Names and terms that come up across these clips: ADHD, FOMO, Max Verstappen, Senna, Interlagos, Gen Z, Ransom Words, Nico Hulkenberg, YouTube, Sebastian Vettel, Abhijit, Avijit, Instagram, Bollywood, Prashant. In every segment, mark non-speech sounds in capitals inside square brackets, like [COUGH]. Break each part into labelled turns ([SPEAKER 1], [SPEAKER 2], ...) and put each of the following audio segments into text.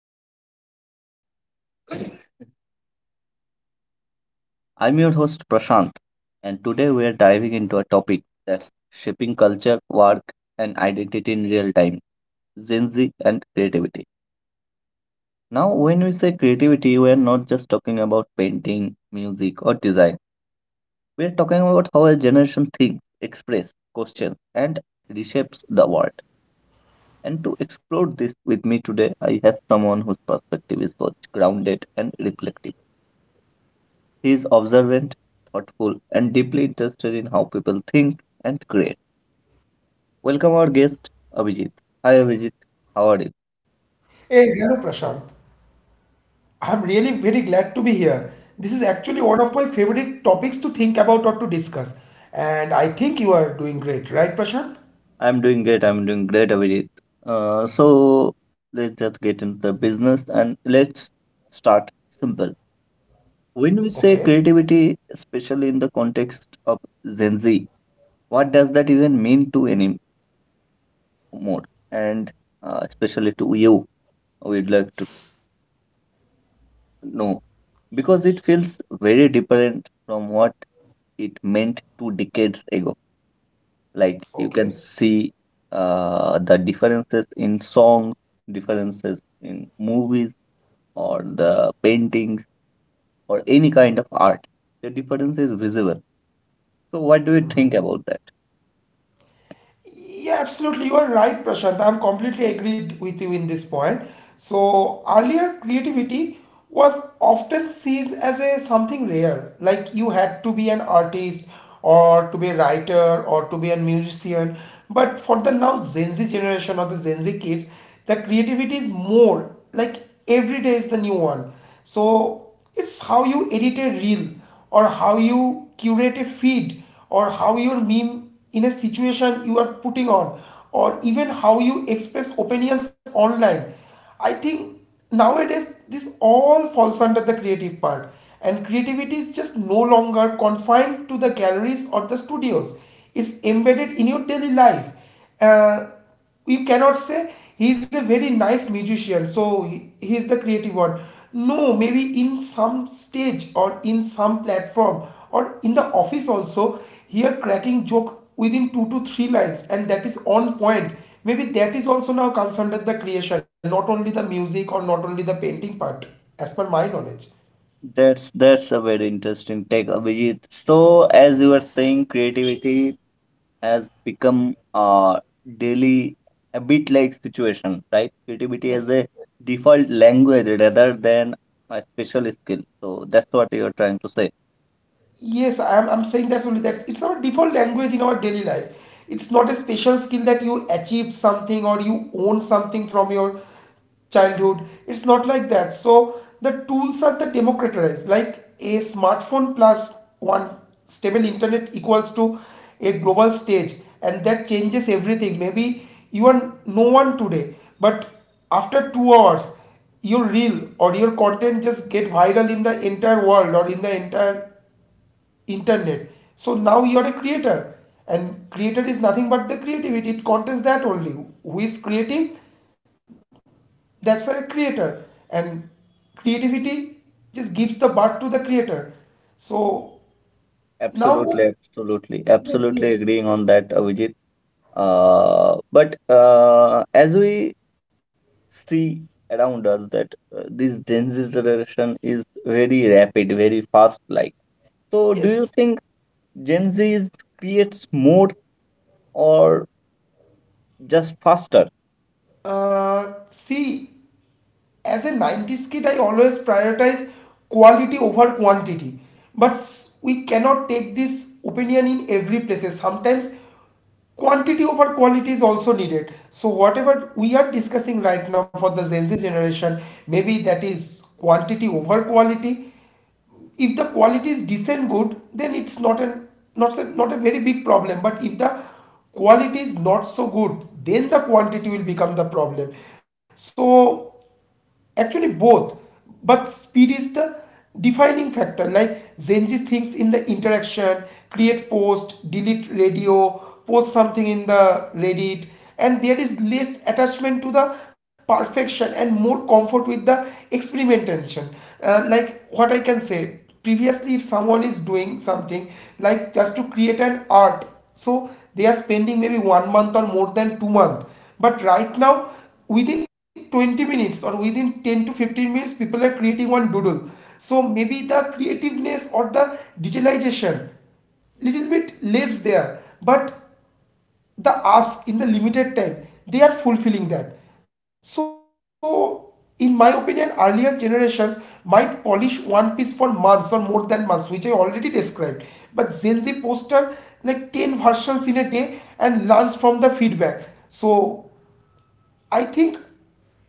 [SPEAKER 1] Ransom Words. I'm your host Prashant and today we are diving into a topic that's shaping culture, work and identity in real time, Gen Z and creativity. Now when we say creativity, we are not just talking about painting, music or design. We are talking about how a generation thinks, expresses, questions and reshapes the world. And to explore this with me today, I have someone whose perspective is both grounded and reflective. He is observant, thoughtful, and deeply interested in how people think and create. Welcome our guest, Abhijit. Hi, Abhijit. How are you?
[SPEAKER 2] Hey, hello Prashant. I'm really very glad to be here. This is actually one of my favorite topics to think about or to discuss. And I think you are doing great, right, Prashant?
[SPEAKER 1] I'm doing great. I'm doing great, Abhijit. So let's just get into the business and let's start simple. When we say
[SPEAKER 2] Okay.
[SPEAKER 1] creativity, especially in the context of Gen Z, what does that even mean to anymore? And especially to you, we'd like to know because it feels very different from what it meant two decades ago. Like you can
[SPEAKER 2] Okay.
[SPEAKER 1] see the differences in songs, differences in movies, or the paintings, or any kind of art. The difference is visible. So, what do you think about that?
[SPEAKER 2] Yeah, absolutely. You are right, Prashant. I'm completely agreed with you in this point. So earlier, creativity was often seen as a something rare, like you had to be an artist or to be a writer or to be a musician. But for the now Gen Z generation or the Gen Z kids, the creativity is more like every day is the new one. So it's how you edit a reel, or how you curate a feed, or how your meme in a situation you are putting on, or even how you express opinions online. I think nowadays this all falls under the creative part, and creativity is just no longer confined to the galleries or the studios. It's embedded in your daily life. uh, you cannot say he is a very nice musician, so he is the creative one. No, maybe in some stage or in some platform or in the office also, here cracking joke within two to three lines and that is on point. Maybe that is also now comes under the creation, not only the music or not only the painting part, as per my knowledge.
[SPEAKER 1] That's a very interesting take, Abhijit. So, as you were saying, creativity has become a daily a bit like situation, right? Creativity as
[SPEAKER 2] Yes.
[SPEAKER 1] a default language rather than a special skill. So that's what you're trying to say.
[SPEAKER 2] Yes, I'm saying that's only that it's our default language in our daily life. It's not a special skill that you achieved something or you own something from your childhood. It's not like that. So the tools are the democratized, like a smartphone plus one stable internet equals to a global stage, and that changes everything. Maybe you are no one today, but after 2 hours, your reel or your content just get viral in the entire world or in the entire internet. So now you're a creator, and creator is nothing but the creativity it contains that only who is creating, that's a creator. And creativity just gives the birth to the creator. So now
[SPEAKER 1] Absolutely,
[SPEAKER 2] the-
[SPEAKER 1] absolutely,
[SPEAKER 2] yes,
[SPEAKER 1] absolutely
[SPEAKER 2] yes,
[SPEAKER 1] agreeing on that, Avijit. But as we see around us that this Gen Z generation is very rapid, very fast like. So do you
[SPEAKER 2] yes.
[SPEAKER 1] think Gen Z is creates more or just faster?
[SPEAKER 2] See, as a 90s kid, I always prioritize quality over quantity. But we cannot take this opinion in every places. Sometimes quantity over quality is also needed, so whatever we are discussing right now for the Gen Z generation, maybe that is quantity over quality. If the quality is decent good, then it's not a very big problem. But if the quality is not so good, then the quantity will become the problem. So actually both. But speed is the defining factor, like Zenji thinks in the interaction. Create, post, delete, radio. Post something in the Reddit. And there is less attachment to the perfection and more comfort with the experimentation. Like what I can say, previously if someone is doing something like just to create an art, so they are spending maybe 1 month or more than 2 months, but right now within 20 minutes or within 10 to 15 minutes, people are creating one doodle. So maybe the creativeness or the detailization little bit less there, but the ask in the limited time they are fulfilling that. So in my opinion, earlier generations might polish one piece for months or more than months, which I already described. But Gen Z poster like 10 versions in a day and learns from the feedback. So I think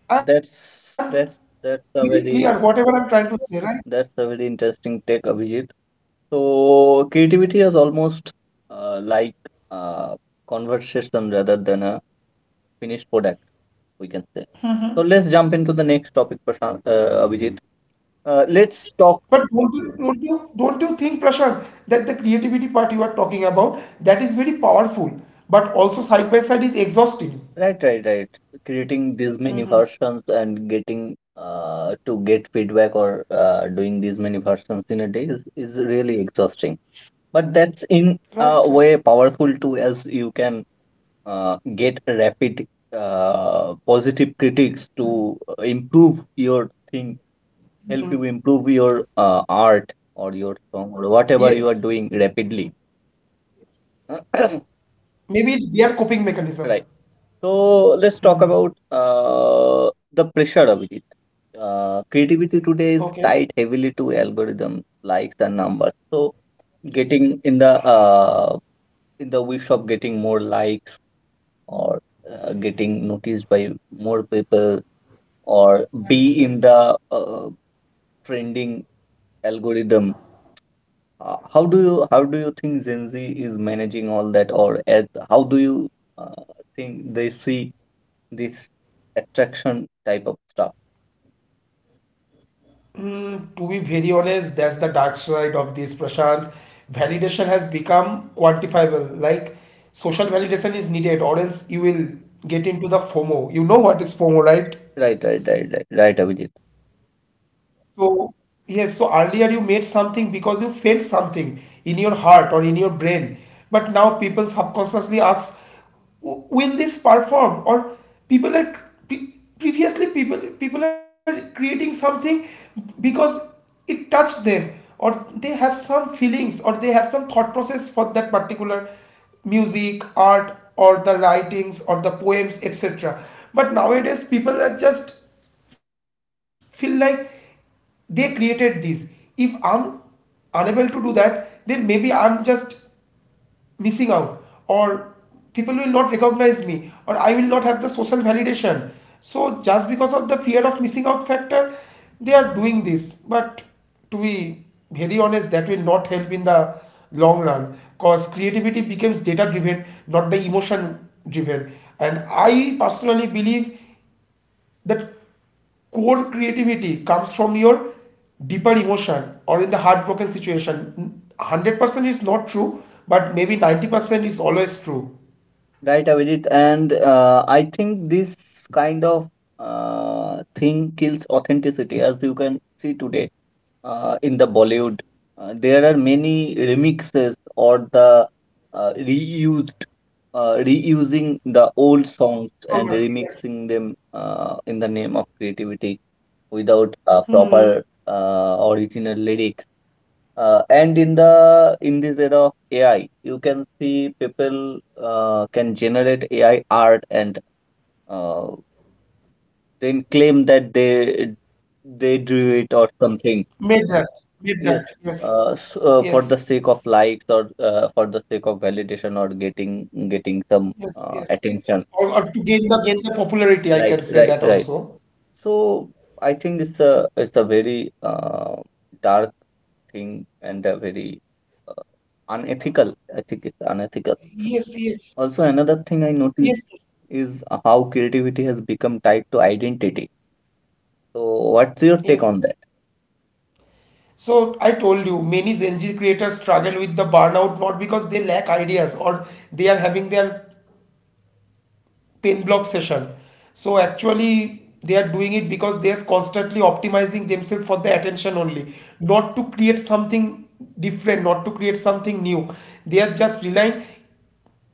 [SPEAKER 2] I'm
[SPEAKER 1] That's
[SPEAKER 2] really
[SPEAKER 1] that's
[SPEAKER 2] clear
[SPEAKER 1] that's
[SPEAKER 2] whatever
[SPEAKER 1] a
[SPEAKER 2] I'm trying to
[SPEAKER 1] very
[SPEAKER 2] say, right?
[SPEAKER 1] that's a very interesting take, Abhijit. So creativity is almost like a conversation rather than a finished product, we can say. So let's jump into the next topic, Prashant, Abhijit. Let's talk.
[SPEAKER 2] But don't you think, Prashant, that the creativity part you are talking about, that is very powerful, but also side by side is exhausting?
[SPEAKER 1] Right, right, right. Creating these many versions and getting to get feedback or doing these many versions in a day is really exhausting. But that's in
[SPEAKER 2] Right, right.
[SPEAKER 1] a way powerful too, as you can get rapid positive critics to improve your thing, help you improve your art or your song or whatever you
[SPEAKER 2] Yes.
[SPEAKER 1] are doing rapidly. [COUGHS] [CLEARS THROAT]
[SPEAKER 2] Maybe it's their coping mechanism.
[SPEAKER 1] Right. So let's talk about the pressure of it. Creativity today
[SPEAKER 2] Okay.
[SPEAKER 1] is tied heavily to algorithms, likes, and numbers. So getting in the wish of getting more likes or getting noticed by more people or be in
[SPEAKER 2] Right, right.
[SPEAKER 1] the trending algorithm, how do you think gen z is managing all that or as how do you uh, think they see this attraction type of stuff.
[SPEAKER 2] Mm, to be very honest, that's the dark side of this, Prashant. Validation has become quantifiable. Like social validation is needed, or else you will get into the FOMO. You know what is FOMO,
[SPEAKER 1] Right,
[SPEAKER 2] right?
[SPEAKER 1] right, right, right, right, Abhijit.
[SPEAKER 2] So, yes, so earlier you made something because you felt something in your heart or in your brain. But now people subconsciously ask, " will this perform? Or people are pe- previously people are creating something because it touched them, or they have some feelings or they have some thought process for that particular music, art, or the writings or the poems, etc. But nowadays people are just feel like they created this. If I'm unable to do that, then maybe I'm just missing out, or people will not recognize me, or I will not have the social validation. So just because of the fear of missing out factor, they are doing this. But to be very honest, that will not help in the long run, because creativity becomes data driven, not the emotion driven. And I personally believe that core creativity comes from your deeper emotion or in the heartbroken situation. 100% is not true, but maybe 90% is always true.
[SPEAKER 1] Right, Avijit, and I think this kind of thing kills authenticity, as you can see today in the Bollywood. There are many remixes or the uh, reused, reusing the old songs and
[SPEAKER 2] Correct, yes.
[SPEAKER 1] remixing them in the name of creativity without
[SPEAKER 2] Hmm.
[SPEAKER 1] proper original lyrics. And in this era AI, you can see people can generate AI art and uh, then claim that they drew it or
[SPEAKER 2] Made
[SPEAKER 1] something.
[SPEAKER 2] that. Made that.
[SPEAKER 1] Yes,
[SPEAKER 2] Yes.
[SPEAKER 1] uh, so,
[SPEAKER 2] Yes.
[SPEAKER 1] uh, for the sake of likes or for the sake of validation or getting some
[SPEAKER 2] Yes. Yes.
[SPEAKER 1] attention.
[SPEAKER 2] Or to gain the popularity, I can
[SPEAKER 1] Right,
[SPEAKER 2] say
[SPEAKER 1] right,
[SPEAKER 2] that
[SPEAKER 1] right.
[SPEAKER 2] also.
[SPEAKER 1] So I think it's a very dark thing and a very uh, unethical. I think it's unethical.
[SPEAKER 2] Yes, yes,
[SPEAKER 1] Also, another thing I
[SPEAKER 2] yes,
[SPEAKER 1] noticed is how creativity has become tied to identity. So, what's your
[SPEAKER 2] yes.
[SPEAKER 1] take on that?
[SPEAKER 2] So I told you, many Gen Z creators struggle with the burnout, not because they lack ideas or they are having their pain block session. So actually they are doing it because they are constantly optimizing themselves for the attention only, not to create something different, not to create something new. They are just relying,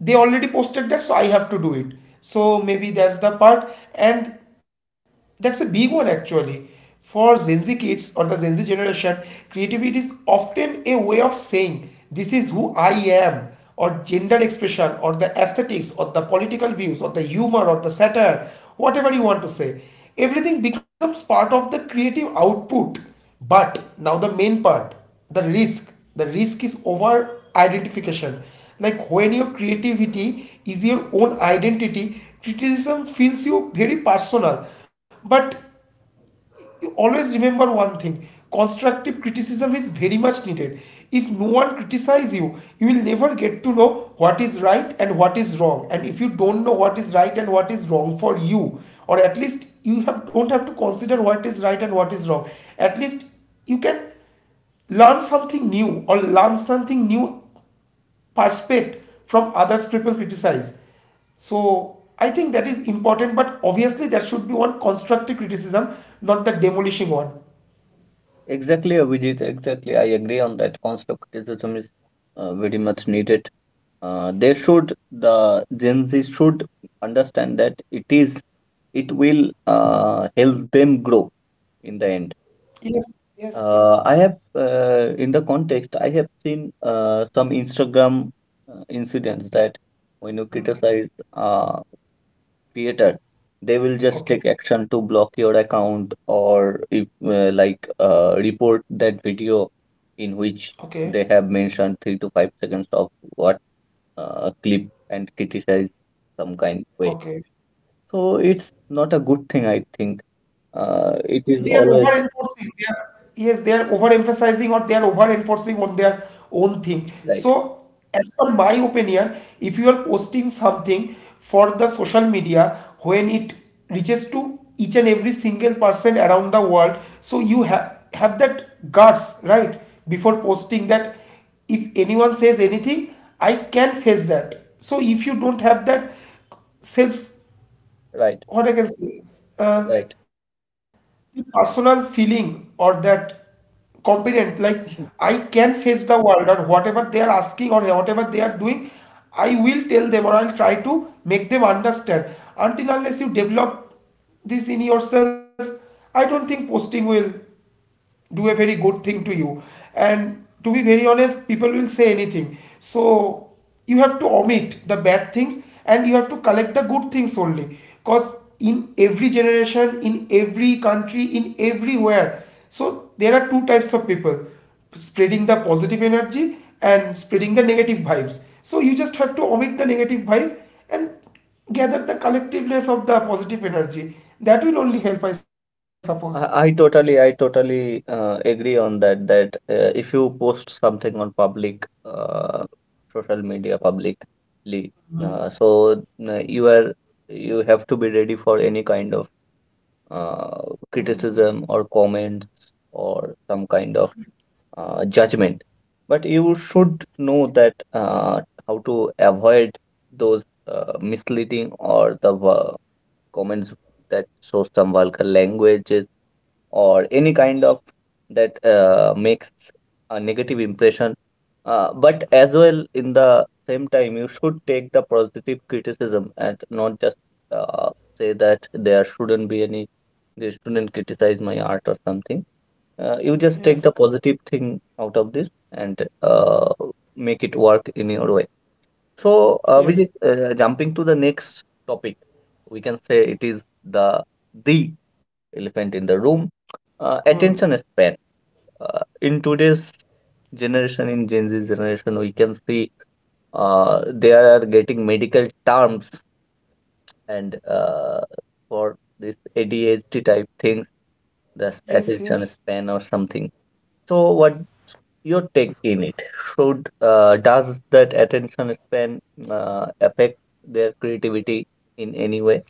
[SPEAKER 2] they already posted that so I have to do it. So maybe that's the part. And that's a big one actually. For Gen Z kids or the Gen Z generation, creativity is often a way of saying, this is who I am. Or gender expression or the aesthetics or the political views or the humor or the satire, whatever you want to say, everything becomes part of the creative output. But now the main part, the risk is over identification. Like when your creativity is your own identity, criticism feels you very personal. But you always remember one thing: constructive criticism is very much needed. If no one criticizes you, you will never get to know what is right and what is wrong. And if you don't know what is right and what is wrong for you, or at least you have don't have to consider what is right and what is wrong, at least you can learn something new, or learn something new perspective from others people criticize. So I think that is important, but obviously that should be one constructive criticism, not the demolishing one.
[SPEAKER 1] Exactly, Abhijit, exactly. I agree on that. Constant criticism is very much needed. The Gen Z should understand that it will help them grow in the end.
[SPEAKER 2] Yes, yes, yes.
[SPEAKER 1] In the context, I have seen some Instagram incidents that when you criticize uh, creator, they will just take
[SPEAKER 2] Okay.
[SPEAKER 1] action to block your account or if like report that video in which
[SPEAKER 2] Okay.
[SPEAKER 1] they have mentioned 3 to 5 seconds of what clip and criticize some kind way.
[SPEAKER 2] Okay.
[SPEAKER 1] So it's not a good thing I think. uh, it is
[SPEAKER 2] They are over
[SPEAKER 1] always
[SPEAKER 2] enforcing, they are, yes, they are over emphasizing or they are over enforcing on their own thing.
[SPEAKER 1] right,
[SPEAKER 2] So as per my opinion, if you are posting something for the social media, when it reaches to each and every single person around the world, so you have that guts, right? Before posting that, if anyone says anything, I can face that. So if you don't have that self,
[SPEAKER 1] right,
[SPEAKER 2] what I can say,
[SPEAKER 1] right.
[SPEAKER 2] uh, the personal feeling or that competent, like I can face the world or whatever they are asking or whatever they are doing, I will tell them or I'll try to make them understand. Until unless you develop this in yourself, I don't think posting will do a very good thing to you. And to be very honest, people will say anything. So you have to omit the bad things, and you have to collect the good things only, because in every generation, in every country, in everywhere, so there are two types of people: spreading the positive energy and spreading the negative vibes. So you just have to omit the negative vibe and gather the collectiveness of the positive energy. That will only help, I suppose.
[SPEAKER 1] I totally agree on that. That if you post something on public social media publicly, uh, so you are you have to be ready for any kind of uh, criticism or comments or some kind of judgment. But you should know that how to avoid those misleading or the comments that show some vulgar language or any kind of that makes a negative impression. But as well, in the same time, you should take the positive criticism and not just uh, say that there shouldn't be any, they shouldn't criticize my art or something. You just take the positive
[SPEAKER 2] Yes,
[SPEAKER 1] thing out of this and make it work in your way. So, we
[SPEAKER 2] yes.
[SPEAKER 1] jumping to the next topic, we can say it is the elephant in the room,
[SPEAKER 2] Hmm.
[SPEAKER 1] attention span in today's generation. In gen z generation we can see uh, they are getting medical terms and for this adhd type thing, that's attention
[SPEAKER 2] Yes,
[SPEAKER 1] span or
[SPEAKER 2] yes.
[SPEAKER 1] something. So what your take in it should, does that attention span affect their creativity in any way?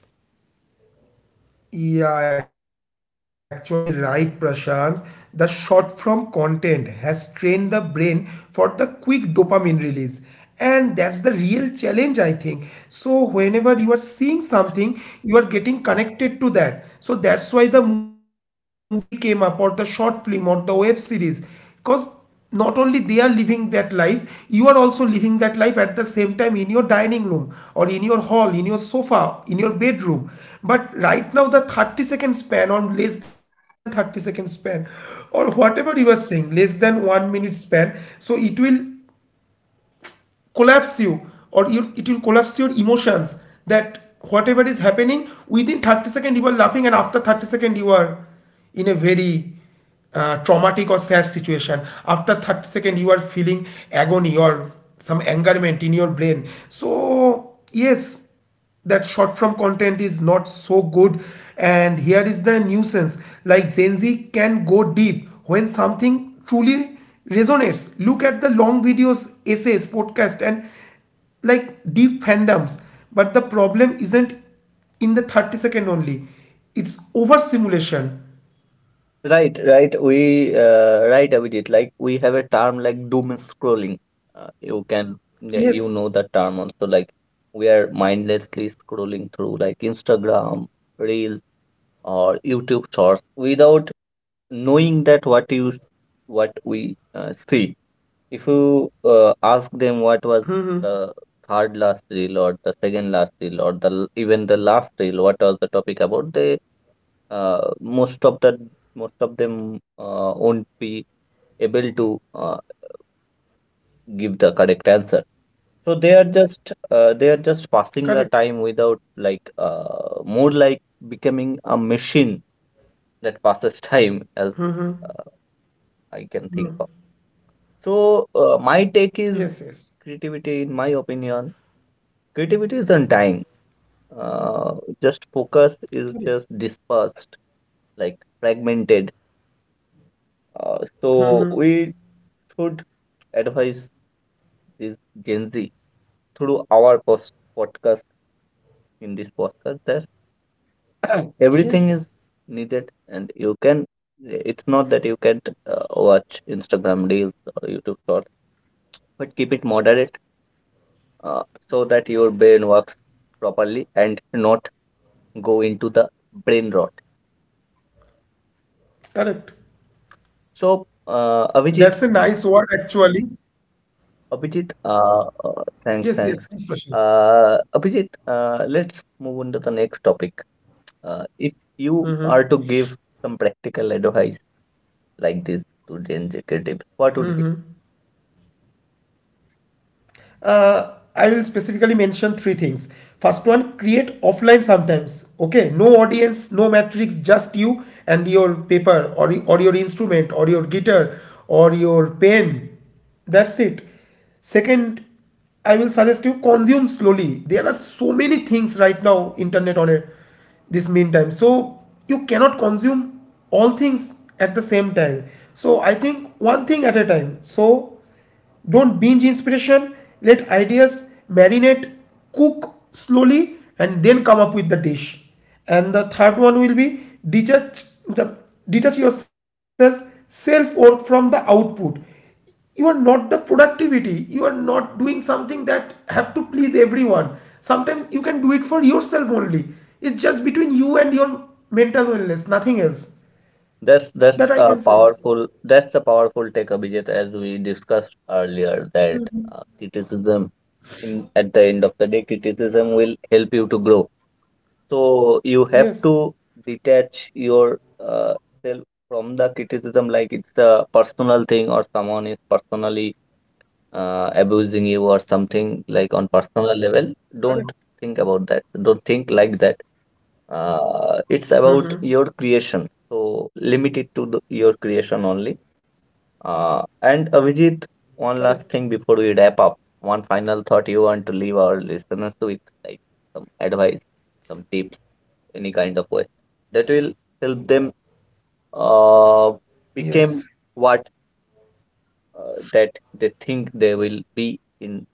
[SPEAKER 2] Yeah, actually, right, Prashant. The short form content has trained the brain for the quick dopamine release. And that's the real challenge, I think. So whenever you are seeing something, you are getting connected to that. So that's why the movie came up, or the short film, or the web series. Because not only they are living that life, you are also living that life at the same time in your dining room or in your hall, in your sofa, in your bedroom. But right now the 30-second span or less than 30 second span, or whatever you are saying, less than 1 minute span, so it will collapse you, or it will collapse your emotions. That whatever is happening within 30 seconds you are laughing, and after 30 seconds you are in a very traumatic or sad situation. After 30 seconds you are feeling agony or some angerment in your brain. So yes, that short form content is not so good. And here is the nuisance. Like Gen Z can go deep when something truly resonates. Look at the long videos, essays, podcast, and like deep fandoms. But the problem isn't in the 30-second only, it's overstimulation.
[SPEAKER 1] Right, right. We right, Abhijit. Like we have a term like doom scrolling. You can, yeah, you know
[SPEAKER 2] Yes.
[SPEAKER 1] that term also. Like we are mindlessly scrolling through like Instagram Reels or YouTube Shorts without knowing that what you what we see. If you ask them what was the third last reel or the second last reel or the even the last reel, what was the topic about, they uh, most of the most of them won't be able to give the correct answer. So they are
[SPEAKER 2] Correct.
[SPEAKER 1] just passing the time without like more like becoming a machine that passes [LAUGHS] time as uh, I can think of. So, my take
[SPEAKER 2] Yes,
[SPEAKER 1] is
[SPEAKER 2] yes.
[SPEAKER 1] creativity, in my opinion, creativity is undying. Uh, just focus is
[SPEAKER 2] Correct.
[SPEAKER 1] just dispersed, like fragmented. So, we should advise this Gen Z through our post podcast in this podcast that [COUGHS] [CLEARS THROAT] everything is
[SPEAKER 2] Yes.
[SPEAKER 1] needed and you can it's not that you can't watch instagram reels or youtube shorts, but keep it moderate, uh, so that your brain works properly and not go into the brain rot.
[SPEAKER 2] Correct.
[SPEAKER 1] So,
[SPEAKER 2] That's a nice word actually.
[SPEAKER 1] Abhijit, thanks,
[SPEAKER 2] Yes, yes,
[SPEAKER 1] thanks.
[SPEAKER 2] please, Prashant.
[SPEAKER 1] Abhijit, let's move on to the next topic. If you are to give some practical advice like this to Gen Z creatives, what would.
[SPEAKER 2] I will specifically mention three things. First one, create offline sometimes. Okay, no audience, no matrix, just you and your paper, or your instrument or your guitar or your pen. That's it. Second, I will suggest you consume slowly. There are so many things right now, internet on it, this meantime. So you cannot consume all things at the same time. So I think one thing at a time. So don't binge inspiration, let ideas marinate, cook slowly, and then come up with the dish. And the third one will be detach, detach yourself self worth from the output. You are not the productivity. You are not doing something that have to please everyone. Sometimes you can do it for yourself only. It's just between you and your mental wellness, nothing else.
[SPEAKER 1] That's
[SPEAKER 2] That
[SPEAKER 1] that's
[SPEAKER 2] I can
[SPEAKER 1] a
[SPEAKER 2] say.
[SPEAKER 1] powerful that's the powerful take, Abhijit. As we discussed earlier that criticism, in at the end of the day criticism will help you to grow. So you have to
[SPEAKER 2] Yes.
[SPEAKER 1] detach your uh, self from the criticism. Like it's a personal thing or someone is personally abusing you or something like on personal level,
[SPEAKER 2] Correct.
[SPEAKER 1] don't think about that. Don't think like
[SPEAKER 2] Yes.
[SPEAKER 1] that. It's about your creation. So limit it to your creation only. And Avijit,
[SPEAKER 2] Correct.
[SPEAKER 1] one last thing before we wrap up, one final thought you want to leave our listeners with, like some advice, some tips, any kind of way that will help them uh,
[SPEAKER 2] Yes.
[SPEAKER 1] become what that they think they will be in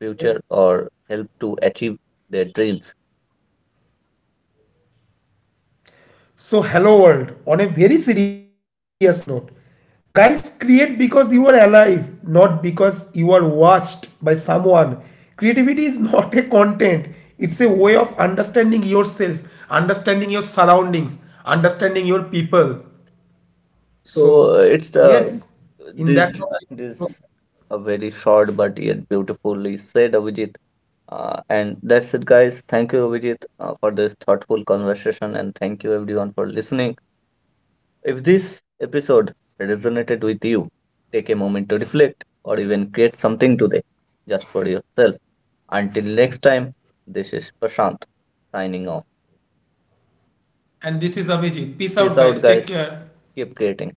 [SPEAKER 1] future
[SPEAKER 2] Yes.
[SPEAKER 1] or help to achieve their dreams.
[SPEAKER 2] So, hello world. On a very serious note, guys, create because you are alive, not because you are watched by someone. Creativity is [LAUGHS] not a content, it's a way of understanding yourself, understanding your surroundings, understanding your people. So,
[SPEAKER 1] So it's
[SPEAKER 2] yes, in that note, I want
[SPEAKER 1] this
[SPEAKER 2] to close.
[SPEAKER 1] this a very short but yet beautifully said, Avijit. And that's it, guys. Thank you, Avijit, for this thoughtful conversation, and thank you everyone for listening. If this episode resonated with you, take a moment to reflect or even create something today just for yourself. Until
[SPEAKER 2] Yes.
[SPEAKER 1] next time, this is Prashant signing off.
[SPEAKER 2] And this is Avijit. Peace
[SPEAKER 1] Peace
[SPEAKER 2] out,
[SPEAKER 1] out,
[SPEAKER 2] guys. Take
[SPEAKER 1] guys.
[SPEAKER 2] care.
[SPEAKER 1] Keep creating.